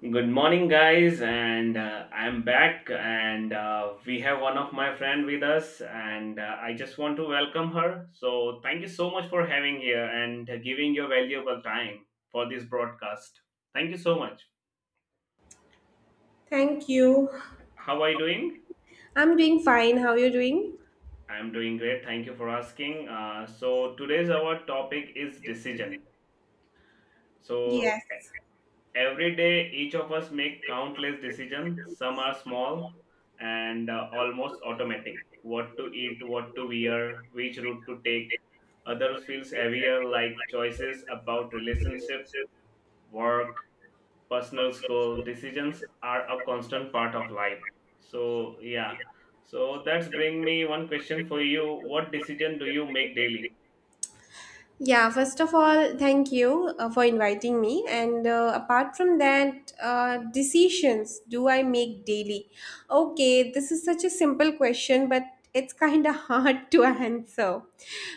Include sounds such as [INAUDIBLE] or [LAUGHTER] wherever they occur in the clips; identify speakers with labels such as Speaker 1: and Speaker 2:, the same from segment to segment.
Speaker 1: Good morning, guys, and I'm back, and we have one of my friend with us, and I just want to welcome her. So thank you so much for having here and giving your valuable time for this broadcast. Thank you so much.
Speaker 2: Thank you.
Speaker 1: How are you doing?
Speaker 2: I'm doing fine. How are you doing?
Speaker 1: I'm doing great. Thank you for asking. So today's our topic is decision. So
Speaker 2: Yes.
Speaker 1: Every day, each of us make countless decisions. Some are small and almost automatic. What to eat, what to wear, which route to take. Other feels heavier, like choices about relationship, work, personal school. Decisions are a constant part of life. So yeah. So that's bring me one question for you. What decision do you make daily?
Speaker 2: Yeah, first of all, thank you for inviting me. And apart from that, decisions do I make daily? Okay, this is such a simple question, but it's kind of [LAUGHS] hard to answer.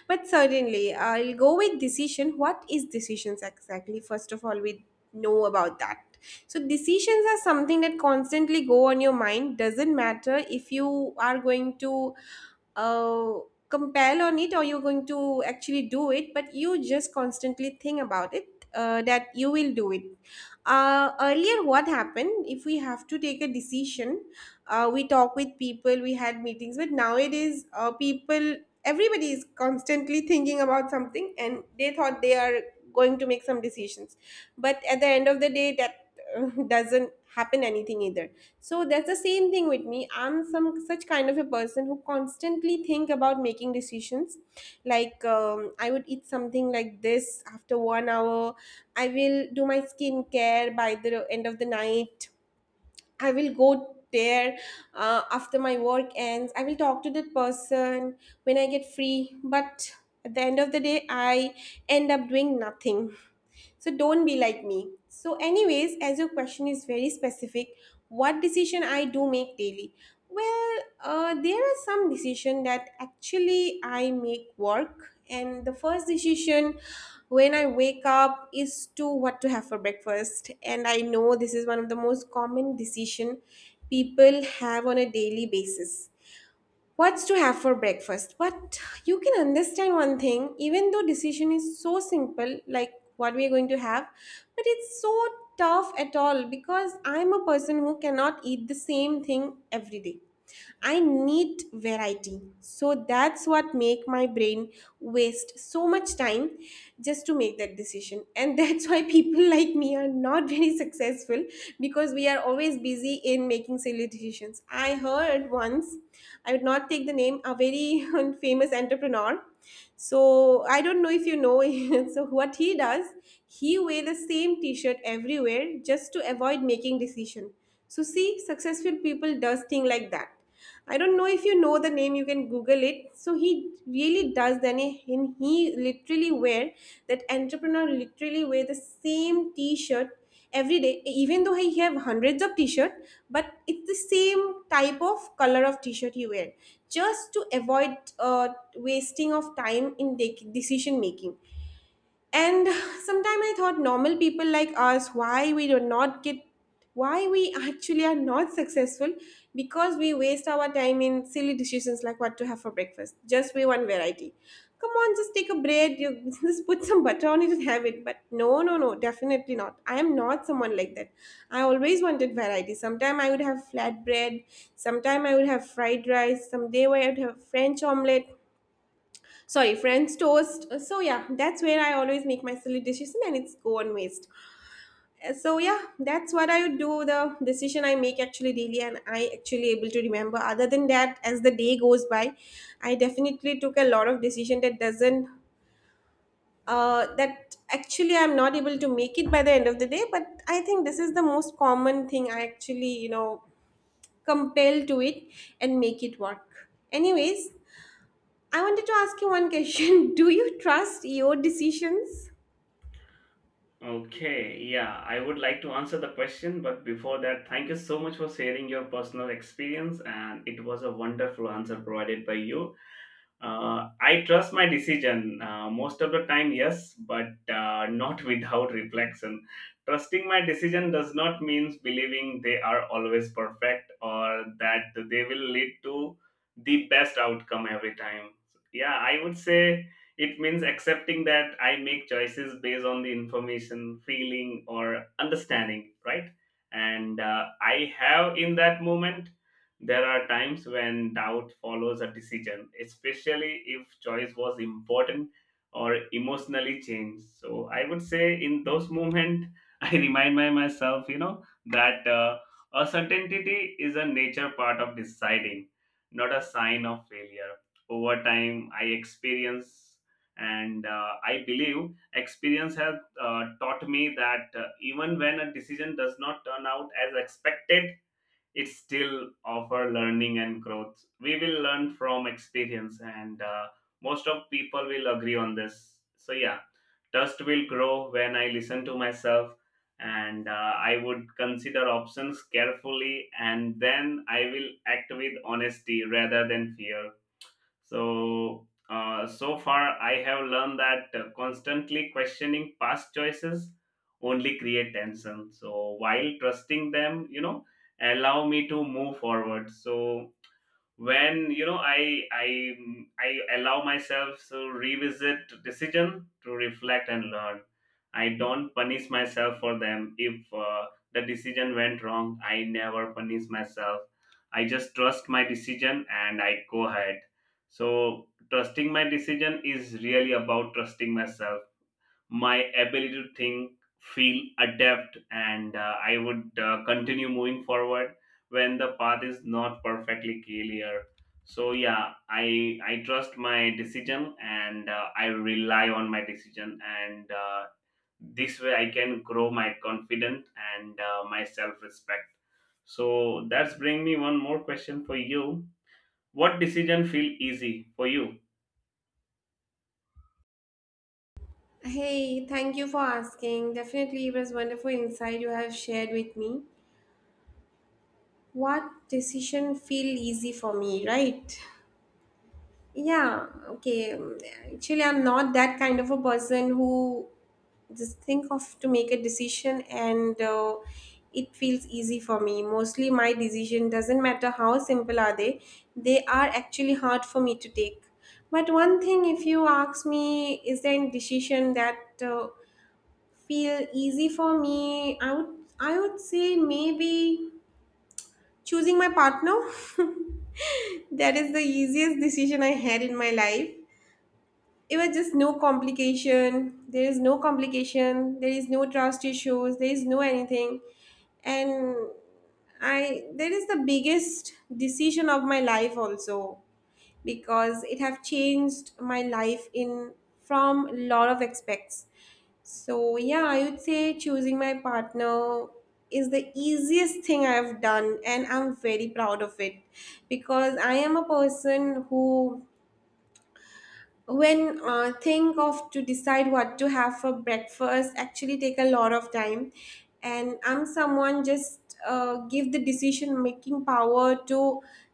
Speaker 2: But certainly, I'll go with decision. What is decisions exactly? First of all, we know about that. So decisions are something that constantly go on your mind. Doesn't matter if you are going to. Compel on it or you're going to actually do it, but you just constantly think about it that you will do it, earlier what happened if we have to take a decision, we talk with people, we had meetings, but nowadays people, everybody is constantly thinking about something, and they thought they are going to make some decisions, but at the end of the day that, [LAUGHS] doesn't happen anything either. So that's the same thing with me. I'm some such kind of a person who constantly think about making decisions. Like, I would eat something like this after 1 hour, I will do my skincare by the end of the night, I will go there after my work ends, I will talk to that person when I get free. But at the end of the day, I end up doing nothing. So don't be like me. So anyways, as your question is very specific, what decision I do make daily? Well, there are some decision that actually I make work, and the first decision when I wake up is to what to have for breakfast. And I know this is one of the most common decision people have on a daily basis. What's to have for breakfast? But you can understand one thing, even though decision is so simple, like what we are going to have, but it's so tough at all, because I'm a person who cannot eat the same thing every day. I need variety. So that's what make my brain waste so much time just to make that decision, and that's why people [LAUGHS] like me are not very successful, because we are always busy in making silly decisions. I heard once, I would not take the name, a very [LAUGHS] famous entrepreneur. So I don't know if you know. [LAUGHS] So what he does, he wear the same T-shirt everywhere just to avoid making decision. So see, successful people does thing like that. I don't know if you know the name, you can Google it. So he really does. And he literally wear, that entrepreneur literally wear the same t-shirt every day, even though he have hundreds of t-shirt, but it's the same type of color of t-shirt he wear, just to avoid wasting of time in decision making. And sometime I thought, normal people like us, why we do not get, why we actually are not successful, because we waste our time in silly decisions like what to have for breakfast, just we one variety. Come on, just take a bread, you [LAUGHS] just put some butter on it and have it. But no, no, no, definitely not. I am not someone like that. I always wanted variety. Sometime I would have flat bread, sometime I would have fried rice, someday I would have french omelette, sorry, french toast. So yeah, that's where I always make my silly decision, and it's go on waste. So yeah, that's what I would do, the decision I make actually daily, and I actually able to remember. Other than that, as the day goes by, I definitely took a lot of decision that doesn't, that actually I'm not able to make it by the end of the day. But I think this is the most common thing I actually, you know, compel to it and make it work. Anyways, I wanted to ask you one question. [LAUGHS] Do you trust your decisions?
Speaker 1: Okay, yeah, I would like to answer the question, but before that, thank you so much for sharing your personal experience, and it was a wonderful answer provided by you. I trust my decision most of the time, yes, but not [LAUGHS] without reflection. Trusting my decision does not mean believing they are always perfect or that they will lead to the best outcome every time. Yeah, I would say it means accepting that I make choices based on the information, feeling, or understanding, right? And I have in that moment there are times when doubt follows a decision, especially if choice was important or emotionally changed. So I would say in those moments, [LAUGHS] I remind my myself, that uncertainty is a nature part of deciding, not a sign of failure. Over time, I experience and I believe experience has taught me that even when a decision does not turn out as expected, it's still offer learning and growth. We will learn from experience, and most of people will agree on this. So yeah, trust will grow when I listen to myself, and I would consider options carefully, and then I will act with honesty rather than fear. So, so far, I have learned that constantly questioning past choices only create tension. So, while trusting them, allow me to move forward. So, when I allow myself to revisit decision to reflect and learn. I don't punish myself for them. If the decision went wrong, I never punish myself. I just trust my decision and I go ahead. So trusting my decision is really about trusting myself, my ability to think, feel, adapt, and I would continue moving forward when the path is not perfectly clear. So yeah, I trust my decision and I rely on my decision, and this way I can grow my confidence and my self respect. So that's bring me one more question for you. What decision feel easy for you?
Speaker 2: Hey, thank you for asking. Definitely, it was wonderful insight you have shared with me. What decision feel easy for me, right? Yeah, okay. Actually, I'm not that kind of a person who just think of to make a decision, and it feels easy for me. Mostly my decision, doesn't matter how simple are they are actually hard for me to take. But one thing, if you ask me, is there any decision that feel easy for me, I would say maybe choosing my partner. [LAUGHS] That is the easiest decision I had in my life. It was just no complication, there is no complication, there is no trust issues, there is no anything. And I, that is the biggest decision of my life also, because it have changed my life in, from lot of aspects. So yeah, I would say choosing my partner is the easiest thing I have done, and I'm very proud of it. Because I am a person who, when think of to decide what to have for breakfast, actually take a lot of time. And I'm someone just give the decision making power to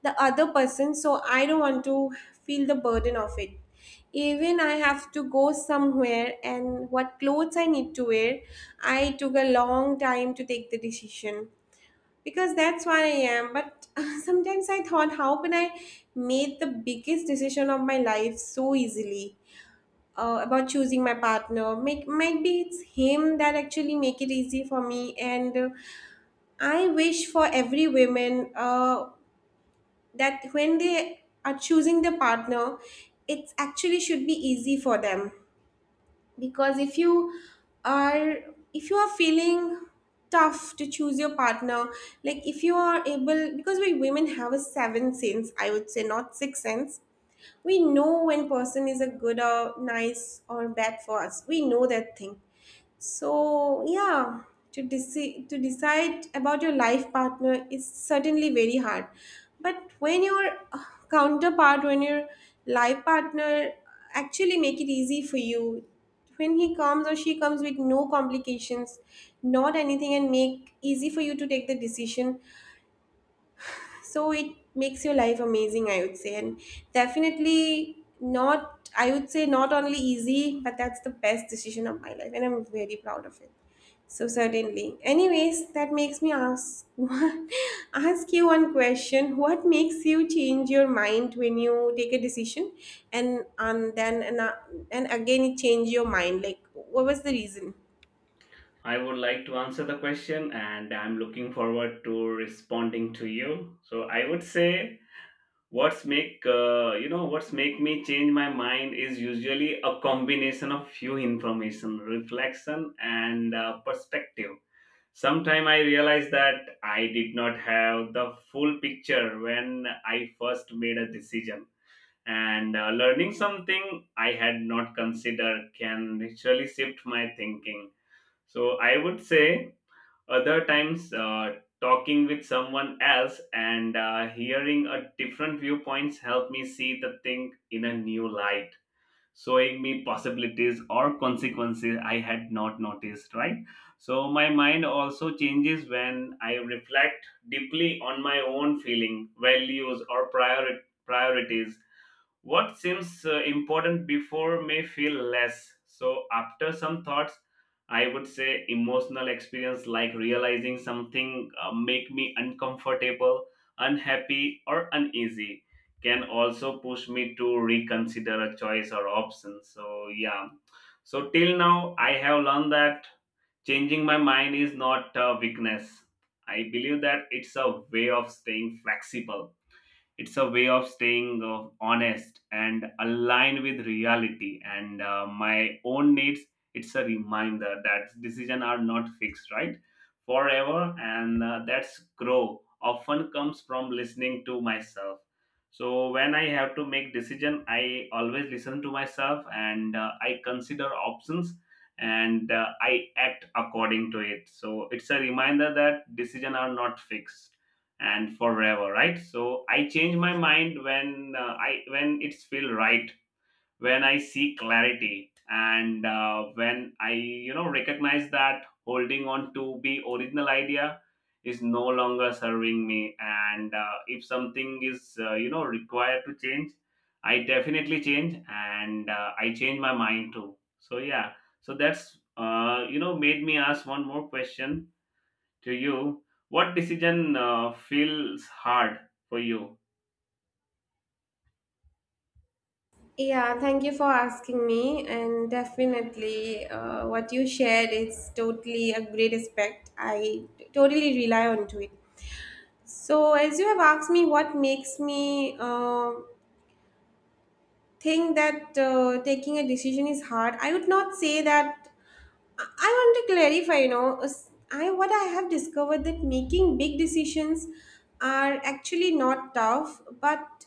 Speaker 2: the other person, so I don't want to feel the burden of it. Even I have to go somewhere, and what clothes I need to wear, I took a long time to take the decision, because that's what I am. But [LAUGHS] sometimes I thought, how can I made the biggest decision of my life so easily, about choosing my partner? Make might be it's him that actually make it easy for me. And I wish for every woman that when they are choosing the partner, it actually should be easy for them. Because if you are, if you are feeling tough to choose your partner, like if you are able, because we women have a seven sense, I would say, not six sense. We know when person is a good or nice or bad for us, we know that thing. So yeah, to decide about your life partner is certainly very hard. But when your uh, counterpart, when your life partner actually make it easy for you, when he comes or she comes with no complications, not anything, and make easy for you to take the decision, so it makes your life amazing, I would say. And definitely not, I would say, not only easy, but that's the best decision of my life, and I'm very proud of it. So certainly, anyways, that makes me ask [LAUGHS] ask you one question, what makes you change your mind when you take a decision, and and then and, uh, and again it change your mind, like what was the reason?
Speaker 1: I would like to answer the question and I'm looking forward to responding to you. So I would say what's make what's make me change my mind is usually a combination of few information, reflection and perspective. Sometime I realized that I did not have the full picture when I first made a decision. And learning something I had not considered can naturally shift my thinking. So I would say other times, talking with someone else and hearing a different viewpoints help me see the thing in a new light, showing me possibilities or consequences I had not noticed. Right. So my mind also changes when I reflect deeply on my own feeling, values, or priorities. What seems important before may feel less. So, after some thoughts, I would say emotional experience like realizing something make me uncomfortable, unhappy, or uneasy can also push me to reconsider a choice or option. So, yeah. So, till now, I have learned that changing my mind is not a weakness. I believe that it's a way of staying flexible. It's a way of staying honest and aligned with reality and my own needs. It's a reminder that decisions are not fixed, right? Forever. And that's grow often comes from listening to myself. So when I have to make decision, I always listen to myself, and I consider options, and I act according to it. So it's a reminder that decisions are not fixed and forever, right? So I change my mind when I, when it's feel right, when I see clarity, and when I, you know, recognize that holding on to the original idea is no longer serving me. And if something is, you know, required to change, I definitely change, and I change my mind too. So yeah, so that's you know, made me ask one more question to you, what decision feels hard for you?
Speaker 2: Yeah, thank you for asking me. And definitely, what you shared is totally a great aspect. Totally rely on to it. So as you have asked me, what makes me think that taking a decision is hard? I would not say that. I want to clarify. You know, I, what I have discovered, that making big decisions are actually not tough, but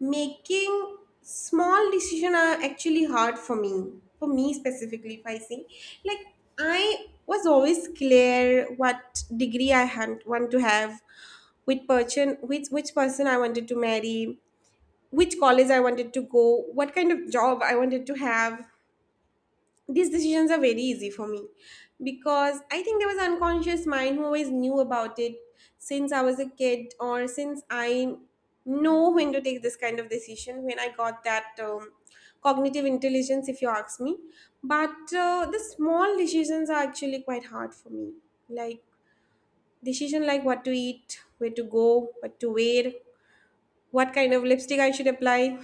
Speaker 2: making small decision are actually hard for me. For me specifically, if I see, like, I was always clear what degree I had, want to have, which person, which person I wanted to marry, which college I wanted to go, what kind of job I wanted to have, these decisions are very easy for me, because I think there was unconscious mind who always knew about it, since I was a kid, or since I know when to take this kind of decision, when I got that, cognitive intelligence, if you ask me. But the small decisions are actually quite hard for me. Like, decision like what to eat, where to go, what to wear, what kind of lipstick I should apply,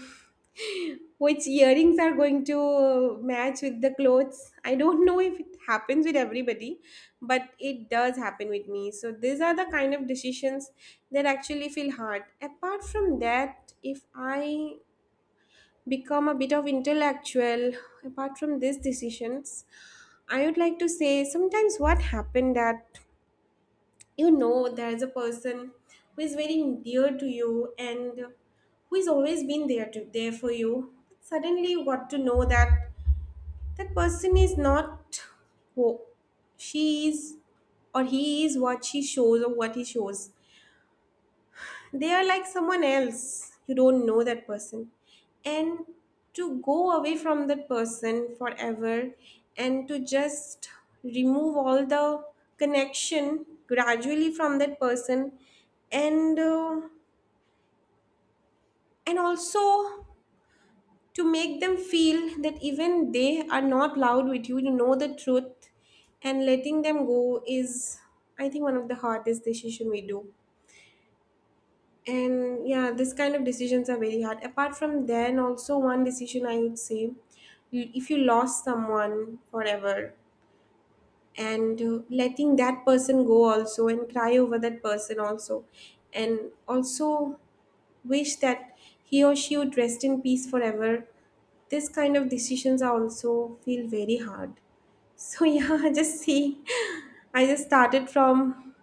Speaker 2: which earrings are going to match with the clothes. I don't know if it happens with everybody, but it does happen with me. So these are the kind of decisions that actually feel hard. Apart from that, if I become a bit of intellectual, apart from these decisions, I would like to say sometimes what happened, that you know there's a person who is very dear to you, and who has always been there for you, suddenly you got to know that that person is not who she is or he is, what she shows or what he shows, they are like someone else. You don't know that person. And to go away from that person forever and to just remove all the connection gradually from that person and uh, and also to make them feel that even they are not loud with you, you know the truth, and letting them go is, I think, one of the hardest decision we do. And yeah, this kind of decisions are very hard. Apart from then, also one decision I would say, if you lost someone forever, and letting that person go also, and cry over that person also, and also wish that he or she would rest in peace forever, this kind of decisions are also feel very hard. So [LAUGHS] yeah, I just see. I just started from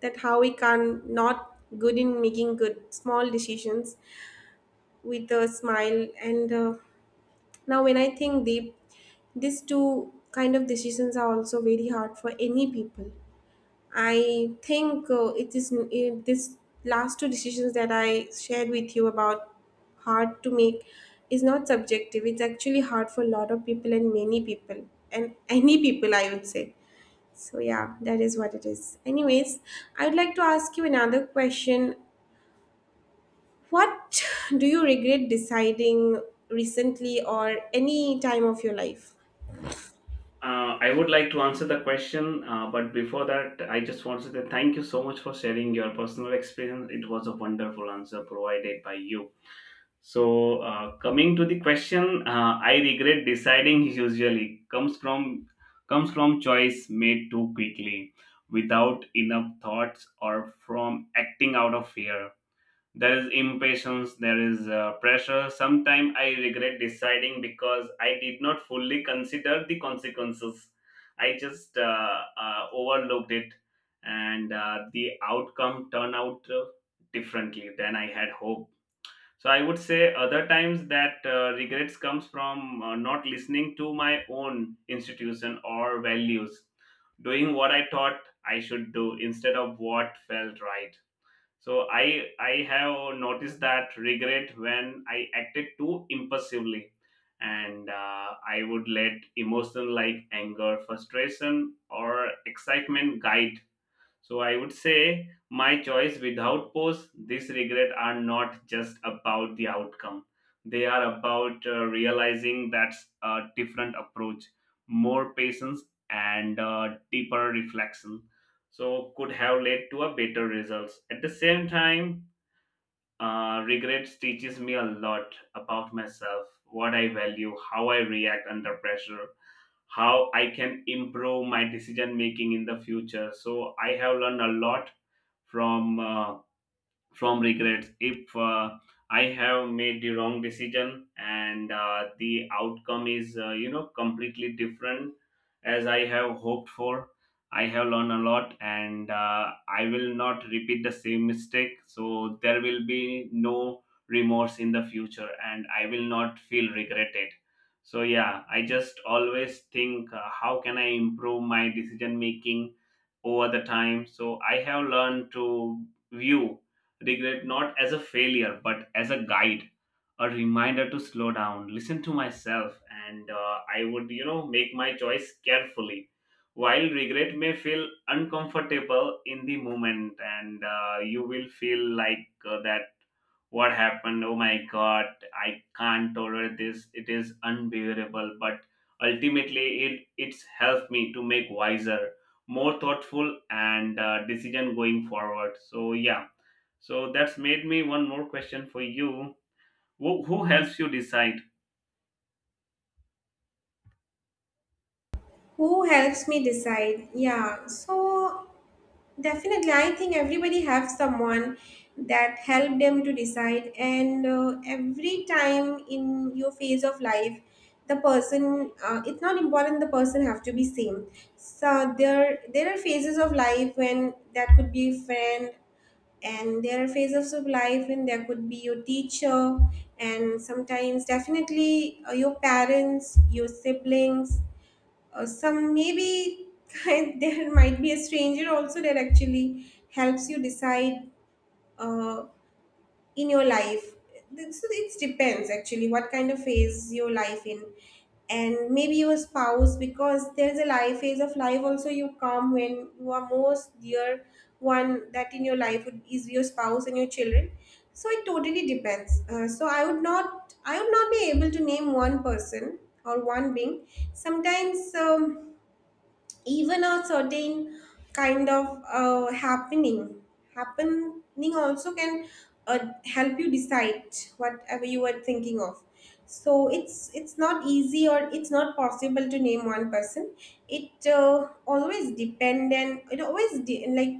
Speaker 2: that how we can not good in making good small decisions with a smile. And Now, when I think deep, these two kind of decisions are also very hard for any people. I think this last two decisions that I shared with you about hard to make is not subjective. It's actually hard for a lot of people and many people and any people, I would say. So yeah, that is what it is. Anyways, I would like to ask you another question, what do you regret deciding recently or any time of your life?
Speaker 1: I would like to answer the question, but before that, I just want to say thank you so much for sharing your personal experience. It was a wonderful answer provided by you. So, coming to the question, I regret deciding usually comes from choice made too quickly, without enough thoughts, or from acting out of fear. There is impatience, there is pressure. Sometimes I regret deciding because I did not fully consider the consequences. I just overlooked it, and the outcome turned out differently than I had hoped. So I would say other times that regrets comes from not listening to my own institution or values, doing what I thought I should do instead of what felt right. So I have noticed that regret when I acted too impulsively, and I would let emotion like anger, frustration, or excitement guide. So I would say my choice without pause, this regret are not just about the outcome. They are about realizing that's a different approach, more patience and deeper reflection. So could have led to a better results. At the same time, regrets teaches me a lot about myself, what I value, how I react under pressure, how I can improve my decision making in the future. So I have learned a lot from uh, from regrets. If I have made the wrong decision, and the outcome is, you know, completely different as I have hoped for, I have learned a lot, and I will not repeat the same mistake. So there will be no remorse in the future, and I will not feel regretted. So yeah, I just always think, how can I improve my decision making over the time? So I have learned to view regret not as a failure but as a guide, a reminder to slow down, listen to myself, and I would, you know, make my choice carefully. While regret may feel uncomfortable in the moment, and you will feel like that what happened, oh my god, I can't tolerate this, it is unbearable, but ultimately it's helped me to make wiser, more thoughtful, and decision going forward. So yeah, so that's made me one more question for you. Who helps you decide?
Speaker 2: Who helps me decide? Yeah, so definitely I think everybody has someone that help them to decide, and every time in your phase of life, the person it's not important the person have to be same. So there are phases of life when that could be a friend, and there are phases of life when there could be your teacher, and sometimes definitely your parents, your siblings, some maybe [LAUGHS] there might be a stranger also that actually helps you decide uh, in your life. It depends actually what kind of phase your life in, and maybe your spouse, because there's a life phase of life also you come when you are most dear one, that in your life is your spouse and your children. So it totally depends. So I would not be able to name one person or one being. Sometimes even a certain kind of happening, happening also can uh, help you decide whatever you were thinking of. So it's not easy, or it's not possible to name one person. It always dependent, it always like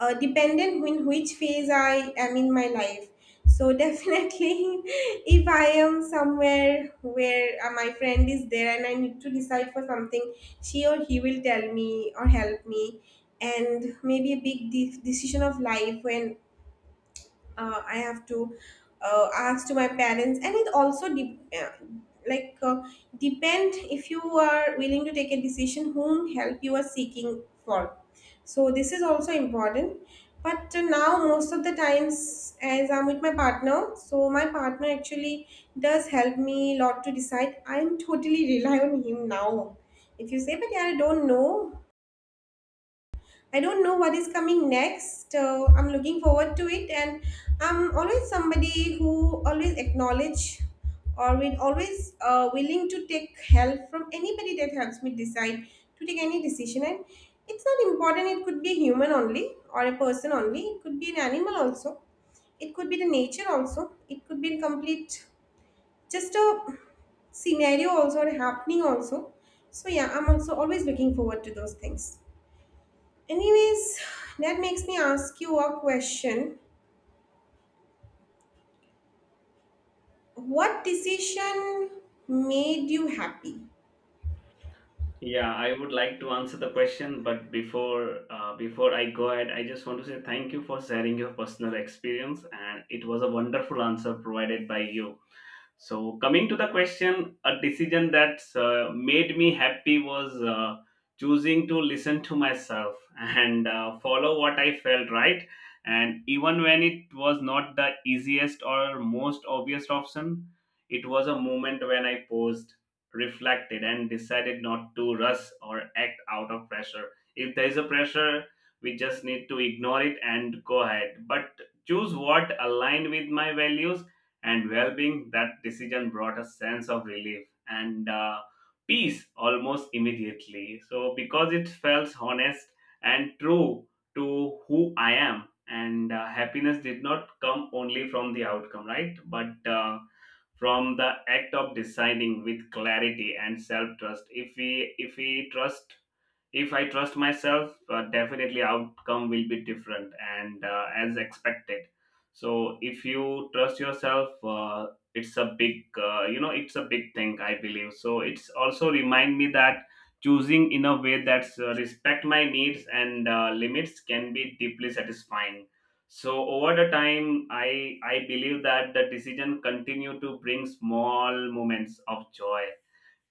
Speaker 2: dependent in which phase I am in my life. So definitely, [LAUGHS] if I am somewhere where my friend is there and I need to decide for something, she or he will tell me or help me. And maybe a big decision of life when I have to ask to my parents, and it also like depend if you are willing to take a decision whom help you are seeking for. So this is also important. But now most of the times, as I'm with my partner, so my partner actually does help me a lot to decide. I'm totally [LAUGHS] rely on him now. If you say, but yeah, I don't know what is coming next. I'm looking forward to it, and I'm always somebody who always acknowledge, or will always willing to take help from anybody that helps me decide to take any decision. And it's not important, it could be a human only or a person only. It could be an animal also. It could be the nature also. It could be complete just a scenario also or happening also. So yeah, I'm also always looking forward to those things. Anyways, that makes me ask you a question. What decision made you happy?
Speaker 1: Yeah, I would like to answer the question, but before I go ahead, I just want to say thank you for sharing your personal experience, and it was a wonderful answer provided by you. So, coming to the question, a decision that made me happy was choosing to listen to myself and follow what I felt right. And even when it was not the easiest or most obvious option, it was a moment when I paused, reflected, and decided not to rush or act out of pressure. If there is a pressure, we just need to ignore it and go ahead. But choose what aligned with my values and well-being. That decision brought a sense of relief and peace almost immediately, so because it felt honest and true to who I am, and happiness did not come only from the outcome, right, but from the act of deciding with clarity and self trust. If I trust myself, definitely outcome will be different, and as expected. So if you trust yourself, it's a big, you know, it's a big thing I believe. So it's also remind me that choosing in a way that's respect my needs and limits can be deeply satisfying. So over the time, I believe that the decision continue to bring small moments of joy,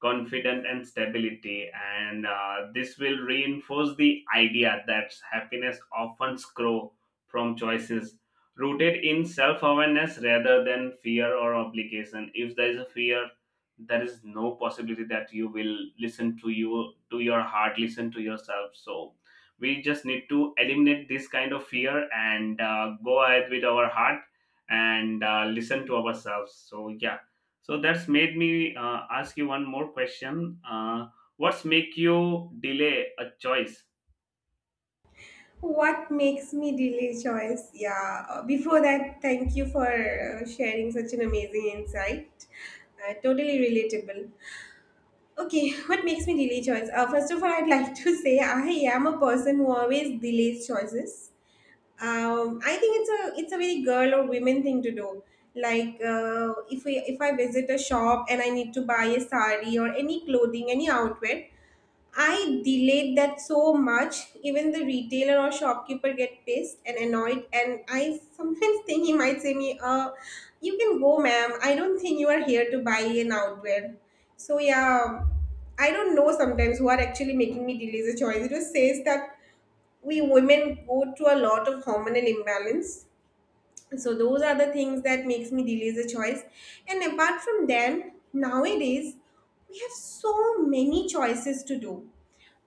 Speaker 1: confidence, and stability, and this will reinforce the idea that happiness often grows from choices rooted in self-awareness rather than fear or obligation. If there is a fear, there is no possibility that you will listen to you, to your heart, listen to yourself. So we just need to eliminate this kind of fear and go ahead with our heart and listen to ourselves. So yeah, so that's made me ask you one more question. What's make you delay a choice?
Speaker 2: What makes me delay choice? Yeah. Before that, thank you for sharing such an amazing insight. Totally relatable. Okay, what makes me delay choice? First of all, I'd like to [LAUGHS] say I am a person who always delays choices. I think it's a very girl or women thing to do. Like if I visit a shop and I need to buy a sari or any clothing, any outfit, I delayed that so much. Even the retailer or shopkeeper get pissed and annoyed, and I sometimes [LAUGHS] think he might say me, you can go, ma'am. I don't think you are here to buy an outfit." So yeah, I don't know sometimes who are actually making me delay the choice. It just says that we women go through a lot of hormonal imbalance, so those are the things that makes me delay the choice. And apart from them, nowadays we have so many choices to do.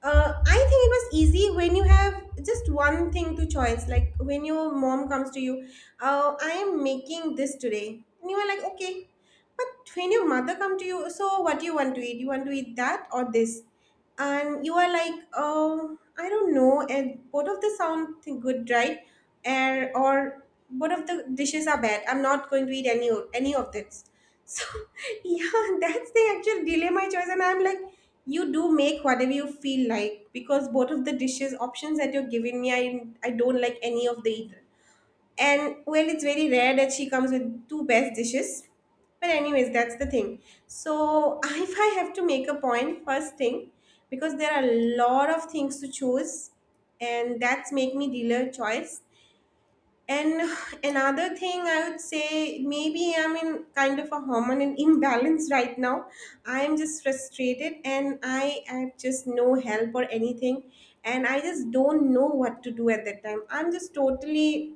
Speaker 2: I think it was easy when you have just one thing to choice. Like when your mom comes to you, I am making this today. And you are like, okay. But when your mother come to you, so what do you want to eat? You want to eat that or this? And you are like, oh, I don't know, and both of the good, right? Air, or both of the dishes are bad, I'm not going to eat any of this. So [LAUGHS] yeah, that's the actual dilemma choice, and I'm like, you do make whatever you feel like, because both of the dishes options that you're giving me, I don't like any of the either. And well, it's very rare that she comes with two best dishes. But anyways, that's the thing. So [LAUGHS] if I have to make a point, first thing, because there are a lot of things to choose, and that's make me dealer choice. And [SIGHS] another thing I would say, maybe I'm in kind of a hormonal imbalance right now. I'm just frustrated and I have just no help or anything. And I just don't know what to do at that time. I'm just totally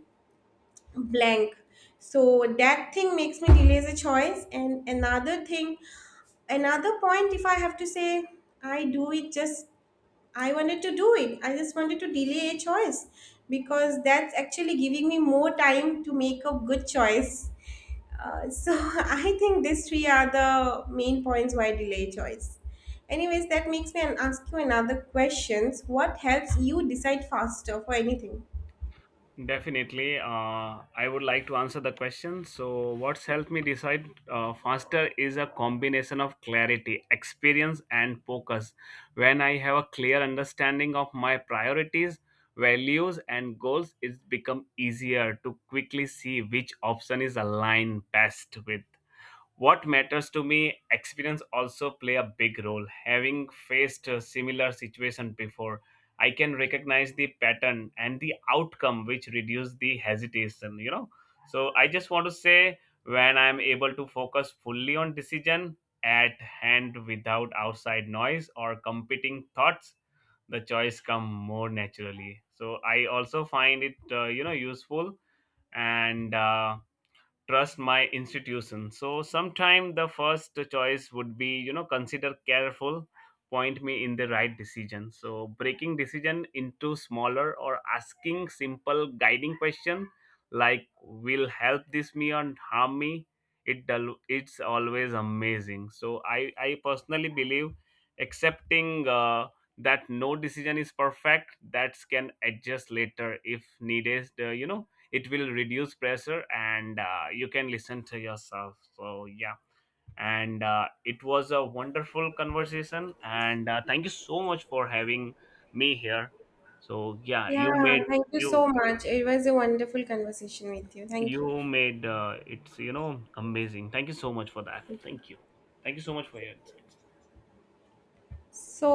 Speaker 2: blank. So that thing makes me delay the choice. And another thing, another point, if I have to say, I do it just, I wanted to do it, I just wanted to delay a choice because that's actually giving me more time to make a good choice. So [LAUGHS] I think these three are the main points why delay choice. Anyways, that makes me ask you another questions, what helps you decide faster for anything?
Speaker 1: Definitely, I would like to answer the question. So, what's helped me decide faster is a combination of clarity, experience, and focus. When I have a clear understanding of my priorities, values, and goals, it's become easier to quickly see which option is aligned best with what matters to me. Experience also play a big role. Having faced a similar situation before, I can recognize the pattern and the outcome which reduce the hesitation, you know. So I just want to say when I'm able to focus fully on decision at hand without outside noise or competing thoughts, the choice come more naturally. So I also find it, you know, useful and trust my institution. So sometime the first choice would be, you know, consider careful, point me in the right decision. So breaking decision into smaller or asking simple guiding question like will help this me or harm me, it's always amazing. So I personally believe accepting that no decision is perfect, that can adjust later if needed, you know, it will reduce pressure, and you can listen to yourself. So yeah, and it was a wonderful conversation, and thank you so much for having me here. So yeah,
Speaker 2: Yeah, thank you so
Speaker 1: you,
Speaker 2: much. It was a wonderful conversation with you. Thank you.
Speaker 1: you made it's, you know, amazing. Thank you so much for that.
Speaker 2: Thank you.
Speaker 1: Thank you. Thank you so much for your insights.
Speaker 2: So,